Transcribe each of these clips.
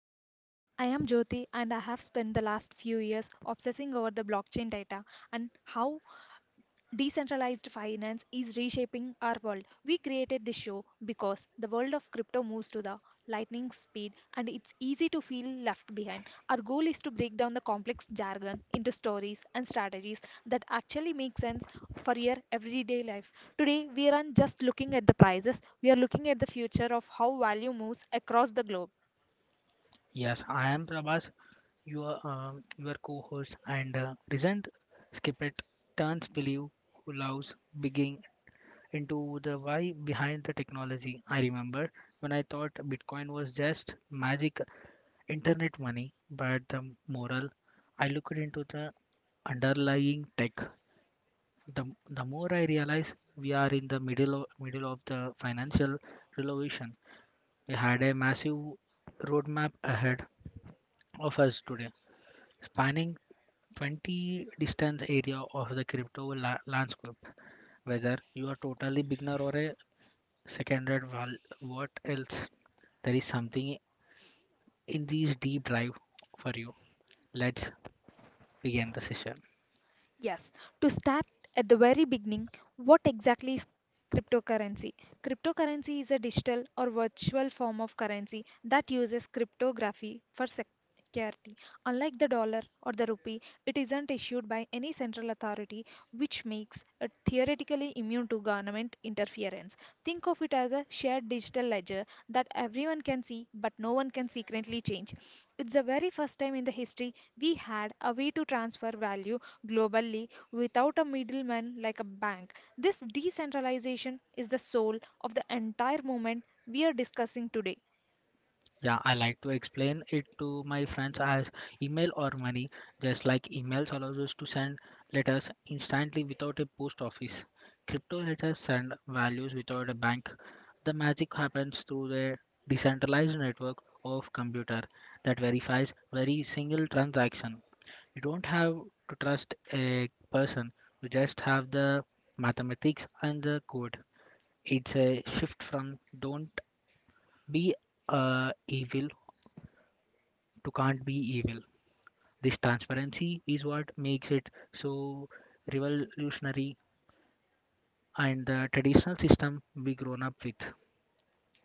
Crypto Pulse. I am Jyoti, and I have spent the last few years obsessing over the blockchain data and how Decentralized finance is reshaping our world. We created this show because the world of crypto moves to the lightning speed and it's easy to feel left behind. Our goal is to break down the complex jargon into stories and strategies that actually make sense for your everyday life. Today, we aren't just looking at the prices, we are looking at the future of how value moves across the globe. Yes, I am Prabhas, your co-host, and recent Skipit turns believe who loves digging into the why behind the technology. I remember when I thought Bitcoin was just magic internet money, but the moral I looked into the underlying tech, the more I realize we are in the middle of the financial revolution. We had a massive roadmap ahead of us today spanning 20 distance area of the crypto landscape, whether you are totally beginner or a secondary what else, there is something in this deep dive for you. Let's begin the session. Yes, to start at the very beginning, what exactly is cryptocurrency? Cryptocurrency is a digital or virtual form of currency that uses cryptography for security. Unlike the dollar or the rupee, it isn't issued by any central authority which makes it theoretically immune to government interference. Think of it as a shared digital ledger that everyone can see but no one can secretly change. It's the very first time in the history we had a way to transfer value globally without a middleman like a bank. This decentralization is the soul of the entire movement we are discussing today. Yeah, I like to explain it to my friends as email or money, just like emails allows us to send letters instantly without a post office. Crypto letters send values without a bank. The magic happens through their decentralized network of computer that verifies very single transaction. You don't have to trust a person, you just have the mathematics and the code. It's a shift from don't be evil to can't be evil. This transparency is what makes it so revolutionary and the traditional system we grown up with.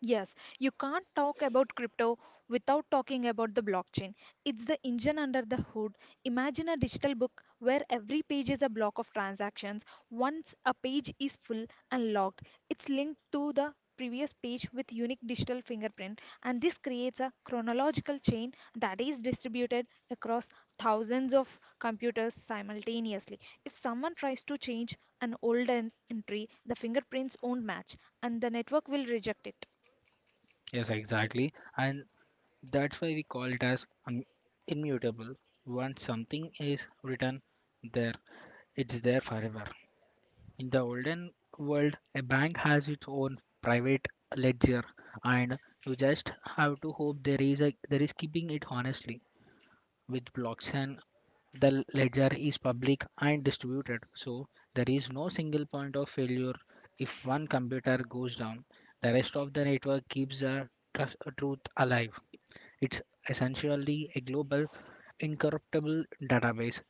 Yes, you can't talk about crypto without talking about the blockchain. It's the engine under the hood. Imagine a digital book where every page is a block of transactions. Once a page is full and locked, it's linked to the previous page with unique digital fingerprint and this creates a chronological chain that is distributed across thousands of computers simultaneously. If someone tries to change an entry, the fingerprints won't match and the network will reject it. Yes, exactly. And that's why we call it as immutable. Once something is written there, it's there forever. In the olden world, a bank has its own private ledger, and you just have to hope there is keeping it honestly. With blockchain, the ledger is public and distributed, so there is no single point of failure. If one computer goes down, the rest of the network keeps the truth alive. It's essentially a global, incorruptible database.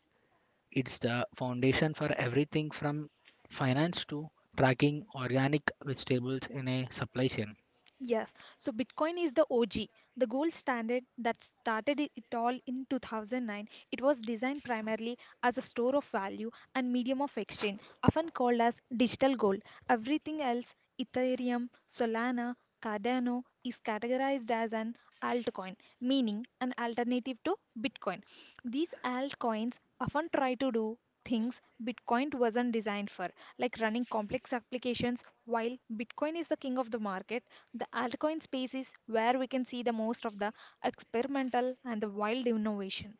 It's the foundation for everything from finance to tracking organic vegetables in a supply chain. Yes, so Bitcoin is the OG, the gold standard that started it all in 2009. It was designed primarily as a store of value and medium of exchange, often called as digital gold. Everything else, Ethereum, Solana, Cardano, is categorized as an altcoin, meaning an alternative to Bitcoin. These altcoins often try to do things Bitcoin wasn't designed for, like running complex applications. While Bitcoin is the king of the market, the altcoin space is where we can see the most of the experimental and the wild innovation.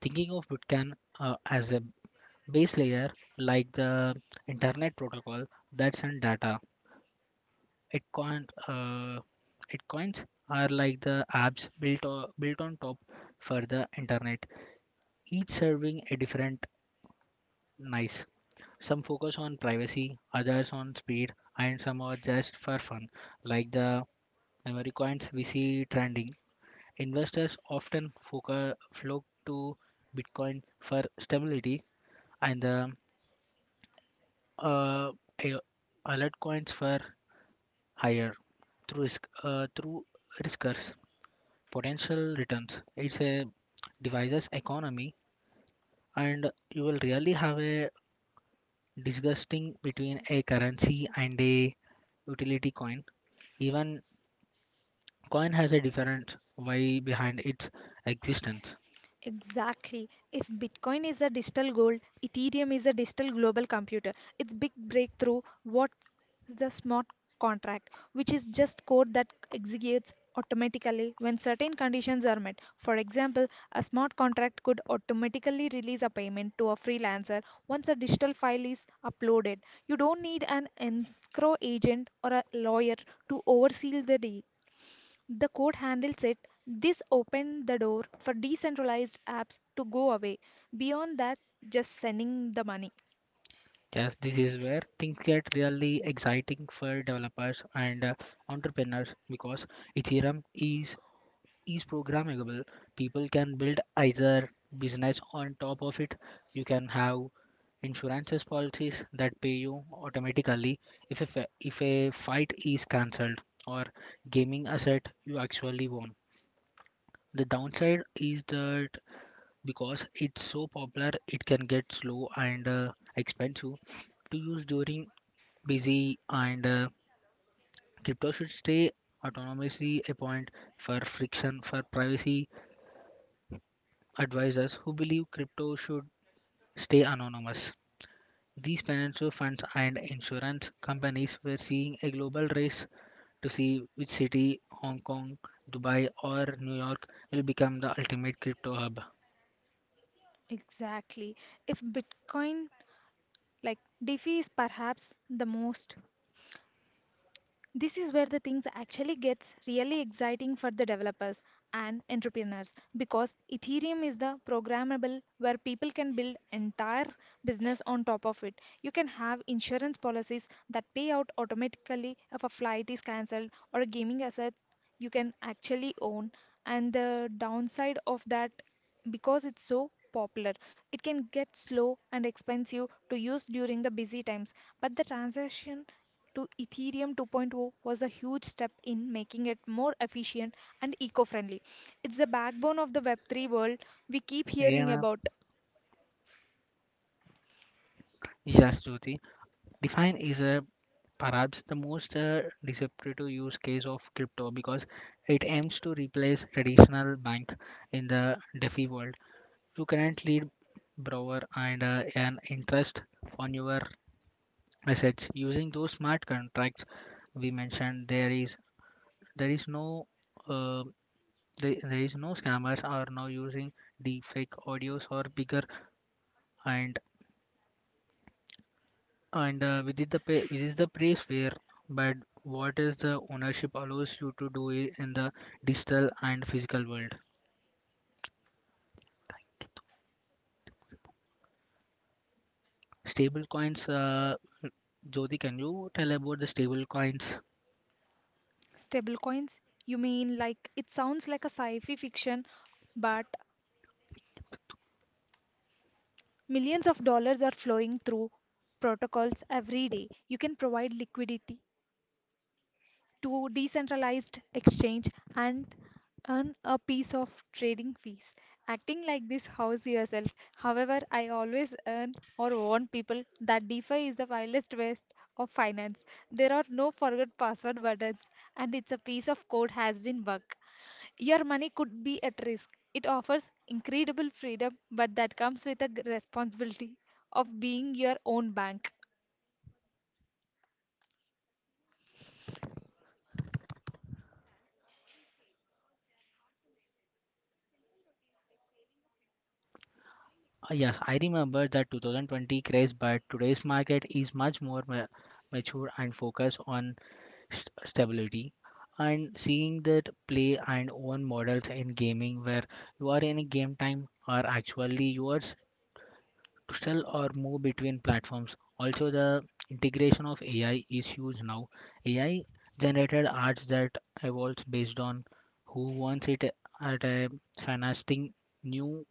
Thinking of Bitcan as a base layer like the internet protocol that send data. It coin, uh, it coins are like the apps built on top for the internet, each serving a different niche. Some focus on privacy, others on speed, and some are just for fun, like the memory coins we see trending. Investors often flock to Bitcoin for stability and the uh, a- alert coins for higher through risk through riskers potential returns. It's a devices economy and you will really have a disgusting between a currency and a utility coin. Even coin has a different why behind its existence. Exactly. If Bitcoin is a digital gold, Ethereum is a digital global computer. It's big breakthrough. What's the smart contract, which is just code that executes automatically when certain conditions are met. For example, a smart contract could automatically release a payment to a freelancer once a digital file is uploaded. You don't need an escrow agent or a lawyer to oversee the deal. The court handles it. This opened the door for decentralized apps to go away. Beyond that, just sending the money. Just this is where things get really exciting for developers and entrepreneurs because Ethereum is programmable. People can build either business on top of it. You can have insurances policies that pay you automatically if a fight is cancelled or gaming asset you actually won. The downside is that because it's so popular it can get slow and expensive to use during busy and crypto should stay autonomously a point for friction for privacy advisors who believe crypto should stay anonymous, these financial funds and insurance companies were seeing a global race to see which city, Hong Kong, Dubai, or New York, will become the ultimate crypto hub. Exactly. If Bitcoin, like DeFi, is perhaps the most. This is where the things actually gets really exciting for the developers and entrepreneurs because Ethereum is the programmable where people can build entire business on top of it. You can have insurance policies that pay out automatically if a flight is cancelled or gaming assets you can actually own, and the downside of that because it's so popular it can get slow and expensive to use during the busy times, but the transaction to Ethereum 2.0 was a huge step in making it more efficient and eco-friendly. It's the backbone of the Web3 world we keep hearing Rihanna about. Jasjoti. Define is a perhaps the most disruptive use case of crypto because it aims to replace traditional bank in the DeFi world. You can lead borrower and earn interest on your assets using those smart contracts we mentioned. There is no uh, there, there is no scammers are now using deepfake audios or bigger and. And within the within the place where, but what is the ownership allows you to do it in the digital and physical world. Stable coins, Jyoti, can you tell about the stable coins? Stablecoins? You mean like it sounds like a sci-fi fiction, but millions of dollars are flowing through protocols every day. You can provide liquidity to decentralized exchange and earn a piece of trading fees. Acting like this house yourself. However, I always earn or warn people that DeFi is the wildest west of finance. There are no forgot password buttons and it's a piece of code has been bug. Your money could be at risk. It offers incredible freedom, but that comes with a responsibility of being your own bank. Yes, I remember that 2020 crash, but today's market is much more ma mature and focused on st stability. And seeing that play and own models in gaming where you are in a game time are actually yours to sell or move between platforms. Also, the integration of AI is huge now. AI generated arts that evolves based on who wants it at a fascinating new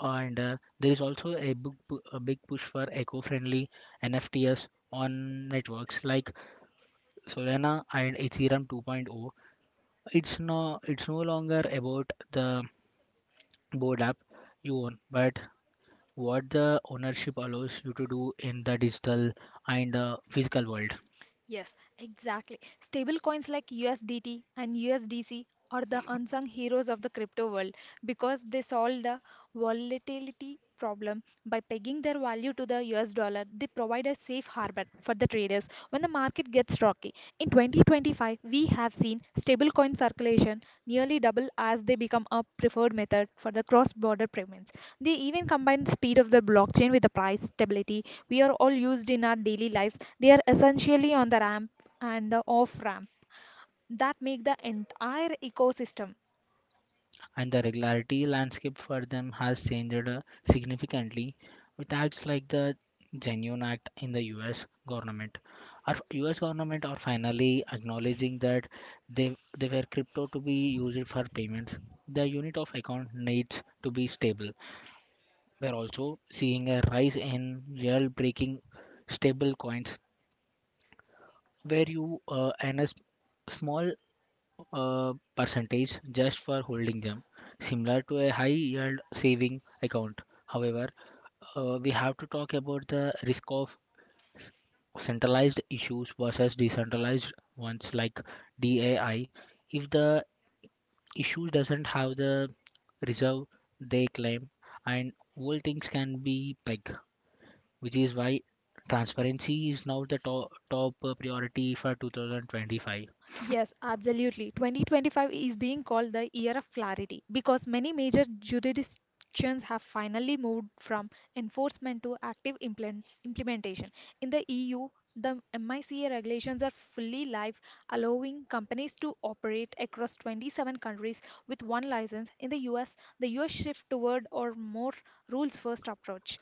and there is also a a big push for eco-friendly NFTs on networks like Solana and Ethereum 2.0. It's no longer about the board app you own, but what the ownership allows you to do in the digital and physical world. Yes, exactly. Stable coins like USDT and USDC are the unsung heroes of the crypto world because they solve the volatility problem by pegging their value to the US dollar. They provide a safe harbor for the traders when the market gets rocky. In 2025, we have seen stablecoin circulation nearly double as they become a preferred method for the cross-border payments. They even combine the speed of the blockchain with the price stability we are all used in our daily lives. They are essentially on the ramp and the off-ramp that make the entire ecosystem. And the regularity landscape for them has changed significantly with acts like the genuine act in the us government. Our us government are finally acknowledging that they were crypto to be used for payments, the unit of account needs to be stable. We're also seeing a rise in real breaking stable coins where you earn a small percentage just for holding them, similar to a high yield saving account. However, we have to talk about the risk of s- centralized issues versus decentralized ones like DAI. If the issue doesn't have the reserve they claim, and all things can be pegged, which is why transparency is now the top priority for 2025. Yes, absolutely. 2025 is being called the year of clarity because many major jurisdictions have finally moved from enforcement to active implementation. In the EU, the MICA regulations are fully live, allowing companies to operate across 27 countries with one license. In the US, the US shift toward or more rules first approach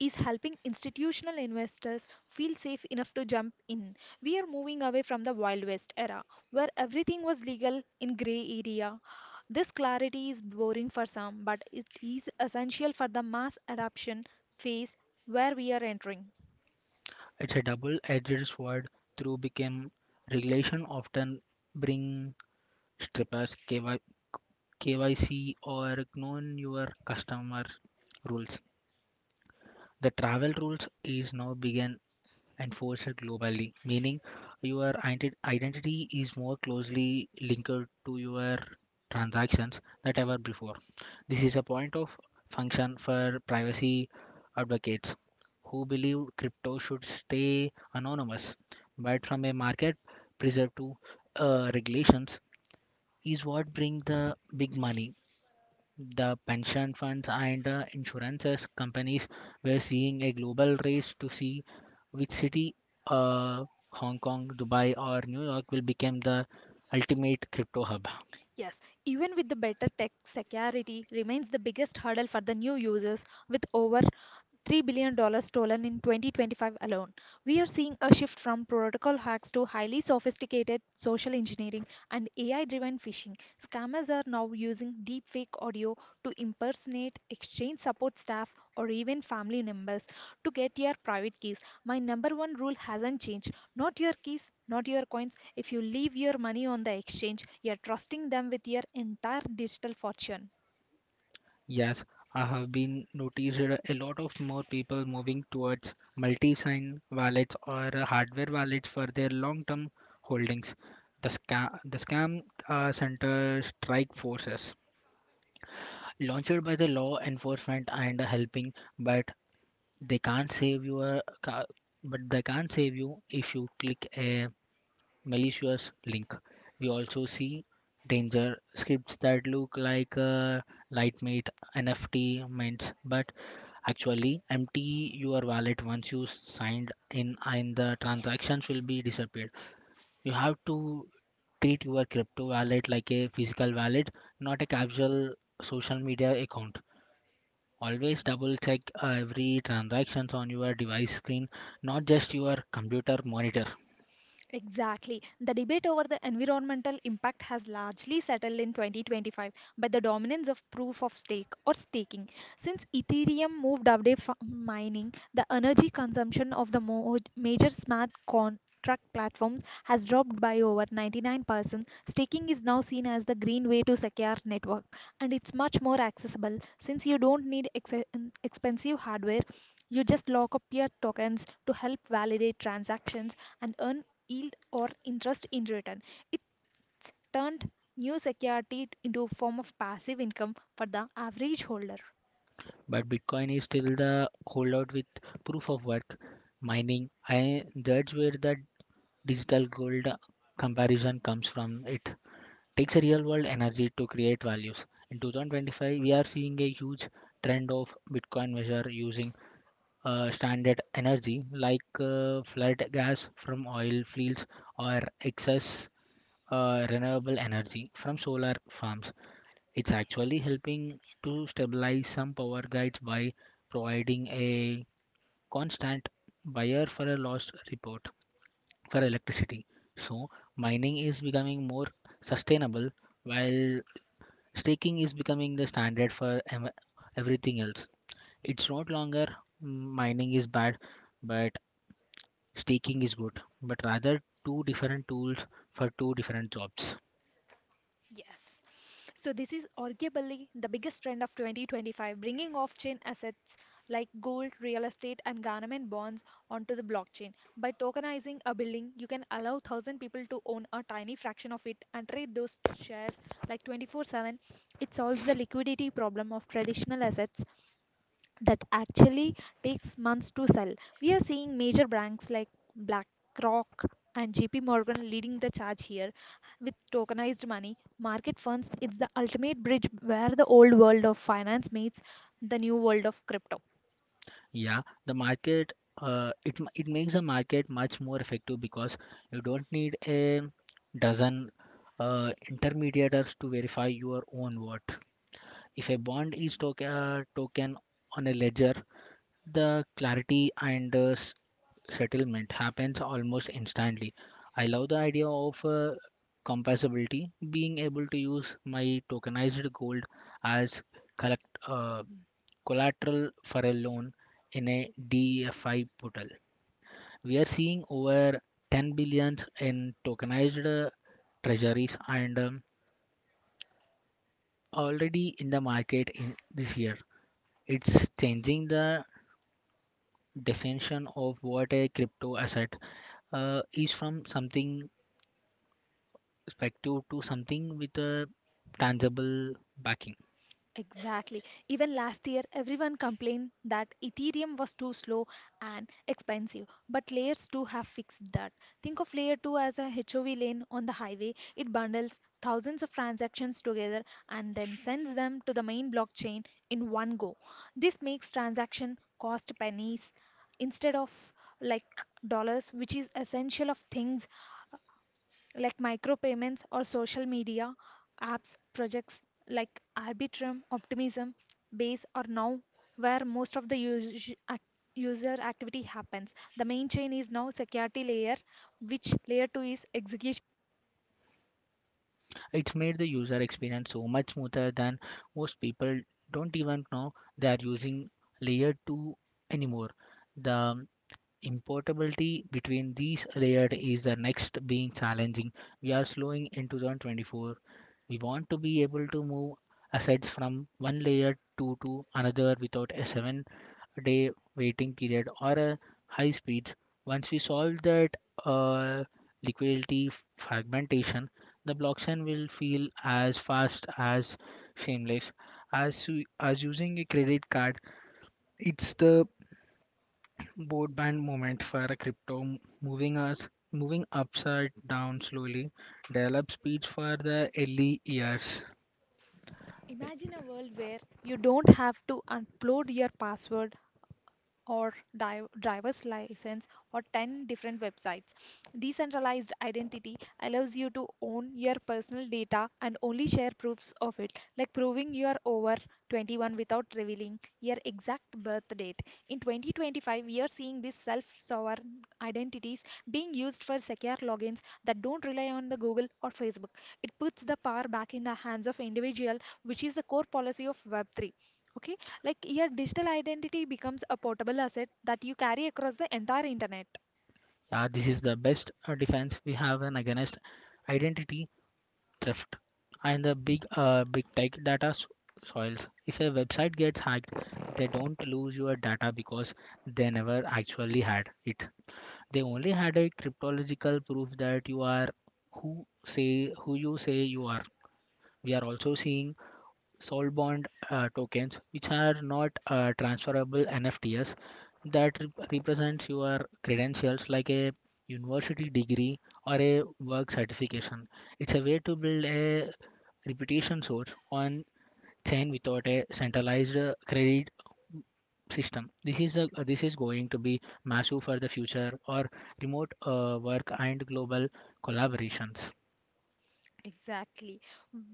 is helping institutional investors feel safe enough to jump in. We are moving away from the Wild West era, where everything was legal in gray area. This clarity is boring for some, but it is essential for the mass adoption phase where we are entering. It's a double-edged sword through became regulation often bring strippers KYC or known your customer rules. The travel rules is now began enforced globally, meaning your identity is more closely linked to your transactions than ever before. This is a point of function for privacy advocates who believe crypto should stay anonymous, but from a market preserve to regulations is what bring the big money. The pension funds and insurance companies were seeing a global race to see which city, uh, Hong Kong, Dubai, or New York, will become the ultimate crypto hub. Yes, even with the better tech, security remains the biggest hurdle for the new users, with over $3 billion dollars stolen in 2025 alone. We are seeing a shift from protocol hacks to highly sophisticated social engineering and AI driven phishing. Scammers are now using deepfake audio to impersonate exchange support staff or even family members to get your private keys. My number one rule hasn't changed not your keys, not your coins. If you leave your money on the exchange, you're trusting them with your entire digital fortune. Yes, I have been noticed a lot of more people moving towards multi-sign wallets or hardware wallets for their long-term holdings. The scam center strike forces launched by the law enforcement and helping but. They can't save your ca- But they can't save you if you click a malicious link. We also see danger scripts that look like Lightmate NFT mints, but actually empty your wallet once you signed in, and the transactions will be disappeared. You have to treat your crypto wallet like a physical wallet, not a casual social media account. Always double check every transactions on your device screen, not just your computer monitor. Exactly. The debate over the environmental impact has largely settled in 2025 by the dominance of proof of stake or staking. Since Ethereum moved away from mining, the energy consumption of the major smart contract platforms has dropped by over 99%. Staking is now seen as the green way to secure network and it's much more accessible since you don't need expensive hardware. You just lock up your tokens to help validate transactions and earn yield or interest in return. It's turned new security into a form of passive income for the average holder. But Bitcoin is still the holdout with proof of work mining. I judge where the digital gold comparison comes from. It takes a real world energy to create values. In 2025, we are seeing a huge trend of Bitcoin measure using standard energy like flood gas from oil fields or excess renewable energy from solar farms. It's actually helping to stabilize some power grids by providing a constant buyer for a loss report for electricity. So mining is becoming more sustainable while staking is becoming the standard for everything else. It's not longer mm, mining is bad, but staking is good, but rather two different tools for two different jobs. Yes. So this is arguably the biggest trend of 2025, bringing off-chain assets like gold, real estate, and government bonds onto the blockchain. By tokenizing a building, you can allow 1,000 people to own a tiny fraction of it and trade those shares like 24/7. It solves the liquidity problem of traditional assets that actually takes months to sell. We are seeing major banks like BlackRock and JP Morgan leading the charge here with tokenized money. Market funds, it's the ultimate bridge where the old world of finance meets the new world of crypto. Yeah, the market it makes the market much more effective because you don't need a dozen intermediators to verify your own vote. If a bond is token on a ledger, the clarity and settlement happens almost instantly. I love the idea of compatibility, being able to use my tokenized gold as collect, uh, collateral for a loan in a DeFi portal. We are seeing over 10 billion in tokenized treasuries and already in the market in this year. It's changing the definition of what a crypto asset is from something perspective to something with a tangible backing. Exactly. Even last year, everyone complained that Ethereum was too slow and expensive. But layers 2 have fixed that. Think of layer 2 as a HOV lane on the highway. It bundles thousands of transactions together and then sends them to the main blockchain in one go. This makes transaction cost pennies instead of like dollars, which is essential of things like micropayments or social media apps projects like Arbitrum, Optimism, Base are now where most of the user activity happens. The main chain is now security layer, which layer 2 is execution. It's made the user experience so much smoother than most people don't even know they are using layer 2 anymore. The importability between these layered is the next being challenging. We are slowing in 2024. We want to be able to move assets from one layer to another without a 7-day waiting period or a high speeds. Once we solve that uh, liquidity fragmentation, the blockchain will feel as fast as seamless as as using a credit card. It's the broadband moment for a crypto moving us moving upside down slowly. Develop speeds for the early years. Imagine a world where you don't have to upload your password or driver's license or 10 different websites. Decentralized identity allows you to own your personal data and only share proofs of it, like proving you are over 21 without revealing your exact birth date. In 2025, we are seeing these self sovereign identities being used for secure logins that don't rely on the Google or Facebook. It puts the power back in the hands of individual, which is the core policy of Web3. Okay, like your digital identity becomes a portable asset that you carry across the entire internet. Yeah, this is the best defense we have an against identity theft and the big tech data soils. If a website gets hacked they don't lose your data because they never actually had it, they only had a cryptological proof that you are who say who you say you are. We are also seeing soul bond tokens, which are not transferable NFTs that represents your credentials like a university degree or a work certification. It's a way to build a reputation source on chain without a centralized credit system. This is going to be massive for the future or remote work and global collaborations. Exactly.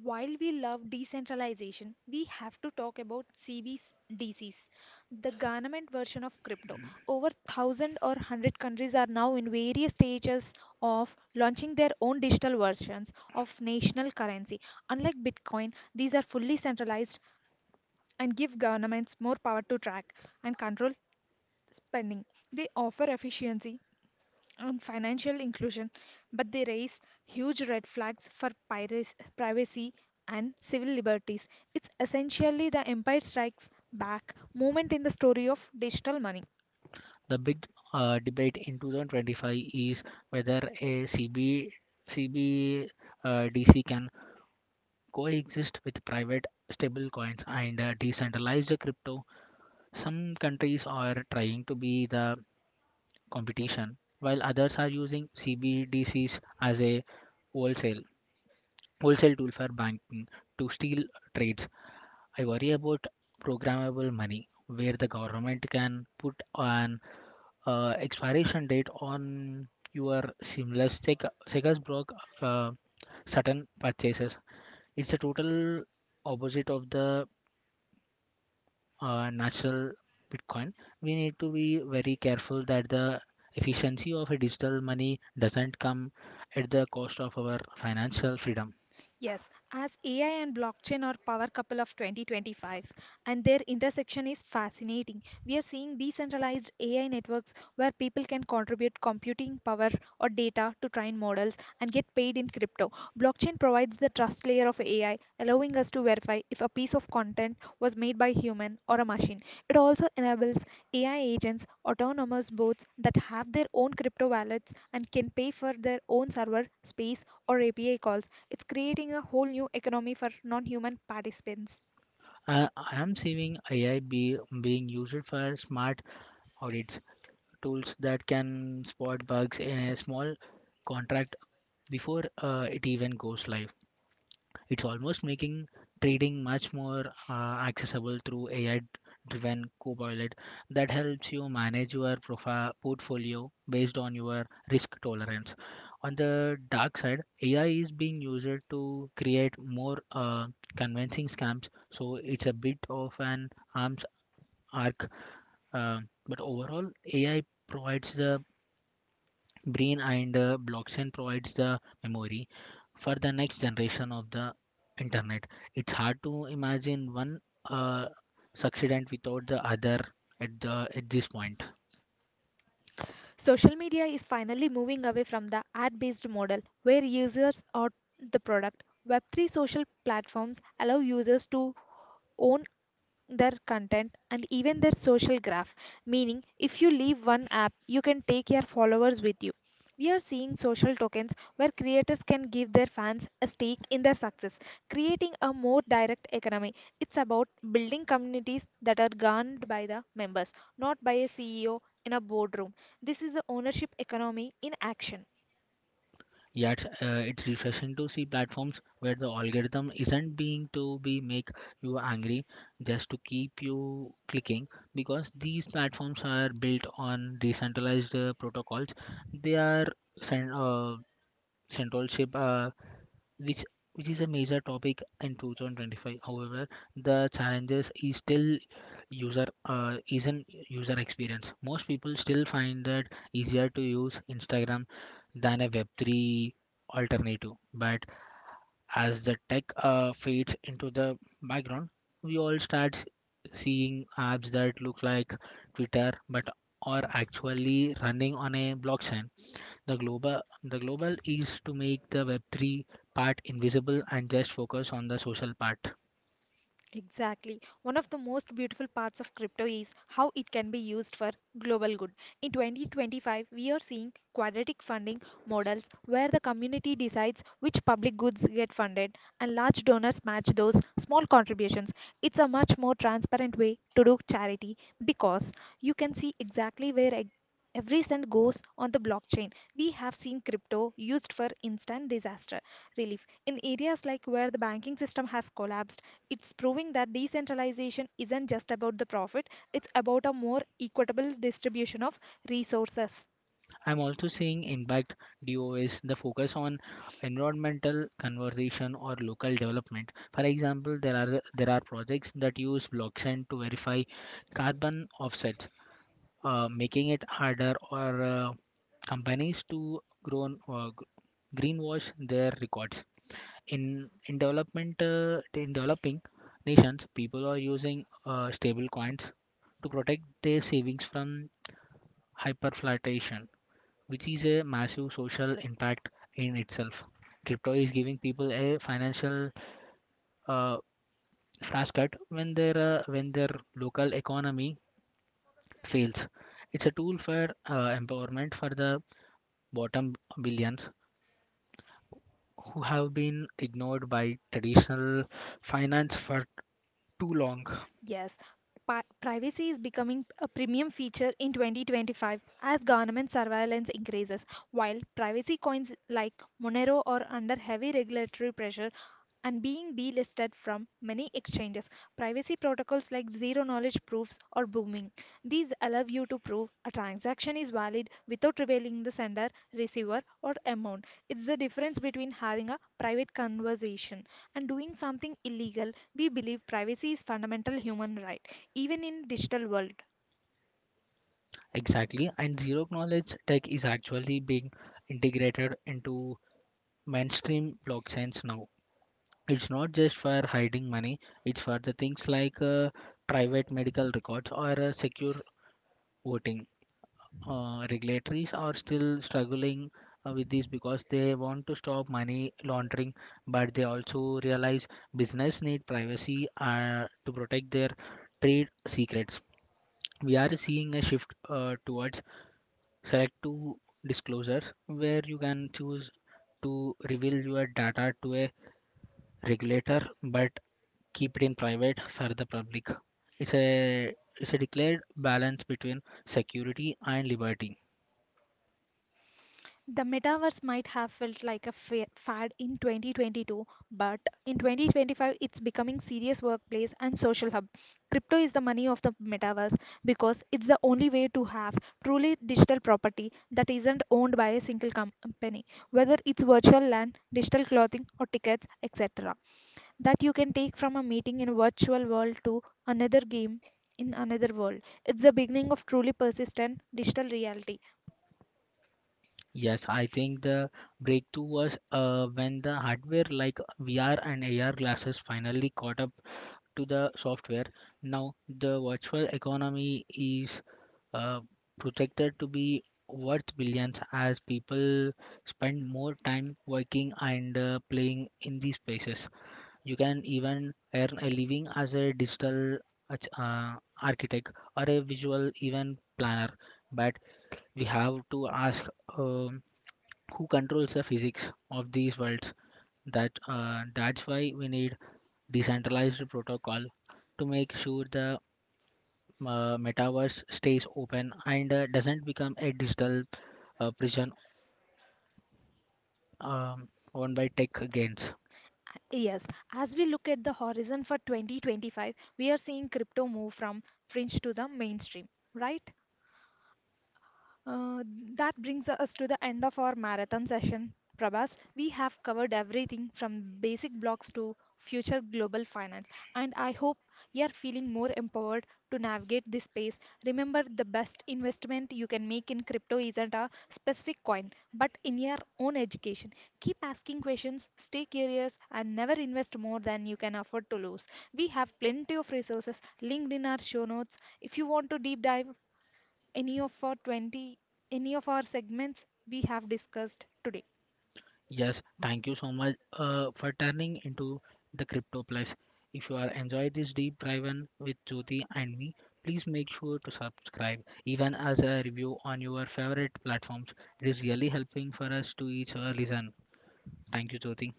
While we love decentralization, we have to talk about CBDCs, the government version of crypto. Over 1,000 or 100 countries are now in various stages of launching their own digital versions of national currency. Unlike Bitcoin, these are fully centralized and give governments more power to track and control spending. They offer efficiency on financial inclusion, but they raise huge red flags for piracy, privacy and civil liberties. It's essentially the Empire Strikes Back moment in the story of digital money. The big debate in 2025 is whether a CB CB uh, DC can coexist with private stablecoins and decentralized crypto. Some countries are trying to be the competition, while others are using CBDCs as a wholesale wholesale tool for banking to steal trades. I worry about programmable money where the government can put an expiration date on your seamless Sega's block uh, certain purchases. It's a total opposite of the natural Bitcoin. We need to be very careful that the efficiency of a digital money doesn't come at the cost of our financial freedom. Yes, as AI and blockchain are power couple of 2025, and their intersection is fascinating. We are seeing decentralized AI networks where people can contribute computing power or data to train models and get paid in crypto. Blockchain provides the trust layer of AI, allowing us to verify if a piece of content was made by human or a machine. It also enables AI agents, autonomous bots that have their own crypto wallets and can pay for their own server space or API calls. It's creating a whole new economy for non human participants. I am seeing AI being used for smart audits, tools that can spot bugs in a small contract before it even goes live. It's almost making trading much more accessible through AI-driven Copilot that helps you manage your portfolio based on your risk tolerance. On the dark side, AI is being used to create more convincing scams, so it's a bit of an arms arc. Uh, but overall, AI provides the brain and blockchain provides the memory for the next generation of the internet. It's hard to imagine one uh, succeedent without the other at this point. Social media is finally moving away from the ad based model where users are the product. Web3 social platforms allow users to own their content and even their social graph, meaning if you leave one app you can take your followers with you. We are seeing social tokens where creators can give their fans a stake in their success, creating a more direct economy. It's about building communities that are governed by the members not by a CEO in a boardroom. This is the ownership economy in action. Yet it's refreshing to see platforms where the algorithm isn't being to be make you angry just to keep you clicking. Because these platforms are built on decentralized protocols, they are cen- uh, central ship, which is a major topic in 2025. However, the challenges is still user is an user experience. Most people still find that easier to use Instagram than a Web3 alternative. But as the tech fades into the background, we all start seeing apps that look like Twitter but are actually running on a blockchain. The global is to make the Web3 part invisible and just focus on the social part. Exactly. One of the most beautiful parts of crypto is how it can be used for global good. In 2025, we are seeing quadratic funding models where the community decides which public goods get funded and large donors match those small contributions. It's a much more transparent way to do charity because you can see exactly where every cent goes on the blockchain. We have seen crypto used for instant disaster relief in areas like where the banking system has collapsed. It's proving that decentralization isn't just about the profit, it's about a more equitable distribution of resources. I'm also seeing impact DOS, the focus on environmental conservation or local development. For example, there are projects that use blockchain to verify carbon offsets, making it harder or companies to grow, greenwash their records. In development, in developing nations, people are using stable coins to protect their savings from hyperflation, which is a massive social impact in itself. Crypto is giving people a financial uh, flash cut when their when their local economy fails. It's a tool for empowerment for the bottom billions who have been ignored by traditional finance for too long. Yes, privacy is becoming a premium feature in 2025 as government surveillance increases. While privacy coins like Monero are under heavy regulatory pressure and being delisted from many exchanges, privacy protocols like zero knowledge proofs are booming. These allow you to prove a transaction is valid without revealing the sender, receiver, or amount. It's the difference between having a private conversation and doing something illegal. We believe privacy is fundamental human right, even in digital world. Exactly, and zero knowledge tech is actually being integrated into mainstream blockchains now. It's not just for hiding money, it's for the things like private medical records or secure voting. Regulatories are still struggling with this because they want to stop money laundering, but they also realize business need privacy to protect their trade secrets. We are seeing a shift towards select two disclosures where you can choose to reveal your data to a regulator but keep it in private for the public. It's a it's a declared balance between security and liberty. The metaverse might have felt like a fad in 2022, but in 2025 it's becoming serious workplace and social hub. Crypto is the money of the metaverse because it's the only way to have truly digital property that isn't owned by a single company, whether it's virtual land, digital clothing or tickets, etc. that you can take from a meeting in a virtual world to another game in another world. It's the beginning of truly persistent digital reality. Yes, I think the breakthrough was when the hardware like VR and AR glasses finally caught up to the software. Now the virtual economy is uh, projected to be worth billions as people spend more time working and playing in these spaces. You can even earn a living as a digital arch- uh, architect or a visual event planner. But we have to ask um, who controls the physics of these worlds. That's why we need decentralized protocol to make sure the metaverse stays open and doesn't become a digital prison um, owned by tech gains. Yes, as we look at the horizon for 2025, we are seeing crypto move from fringe to the mainstream, right? Uh, that brings us to the end of our marathon session, Prabhas. We have covered everything from basic blocks to future global finance, and I hope you are feeling more empowered to navigate this space. Remember, the best investment you can make in crypto isn't a specific coin, but in your own education. Keep asking questions, stay curious, and never invest more than you can afford to lose. We have plenty of resources linked in our show notes. If you want to deep dive, any of our 20 any of our segments we have discussed today. Yes, thank you so much for turning into the Crypto Plus. If you are enjoy this deep dive in with Jyoti and me, please make sure to subscribe, even as a review on your favorite platforms. It is really helping for us to each our listen. Thank you, Jyoti.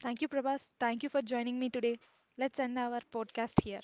Thank you Prabhas, thank you for joining me today. Let's end our podcast here.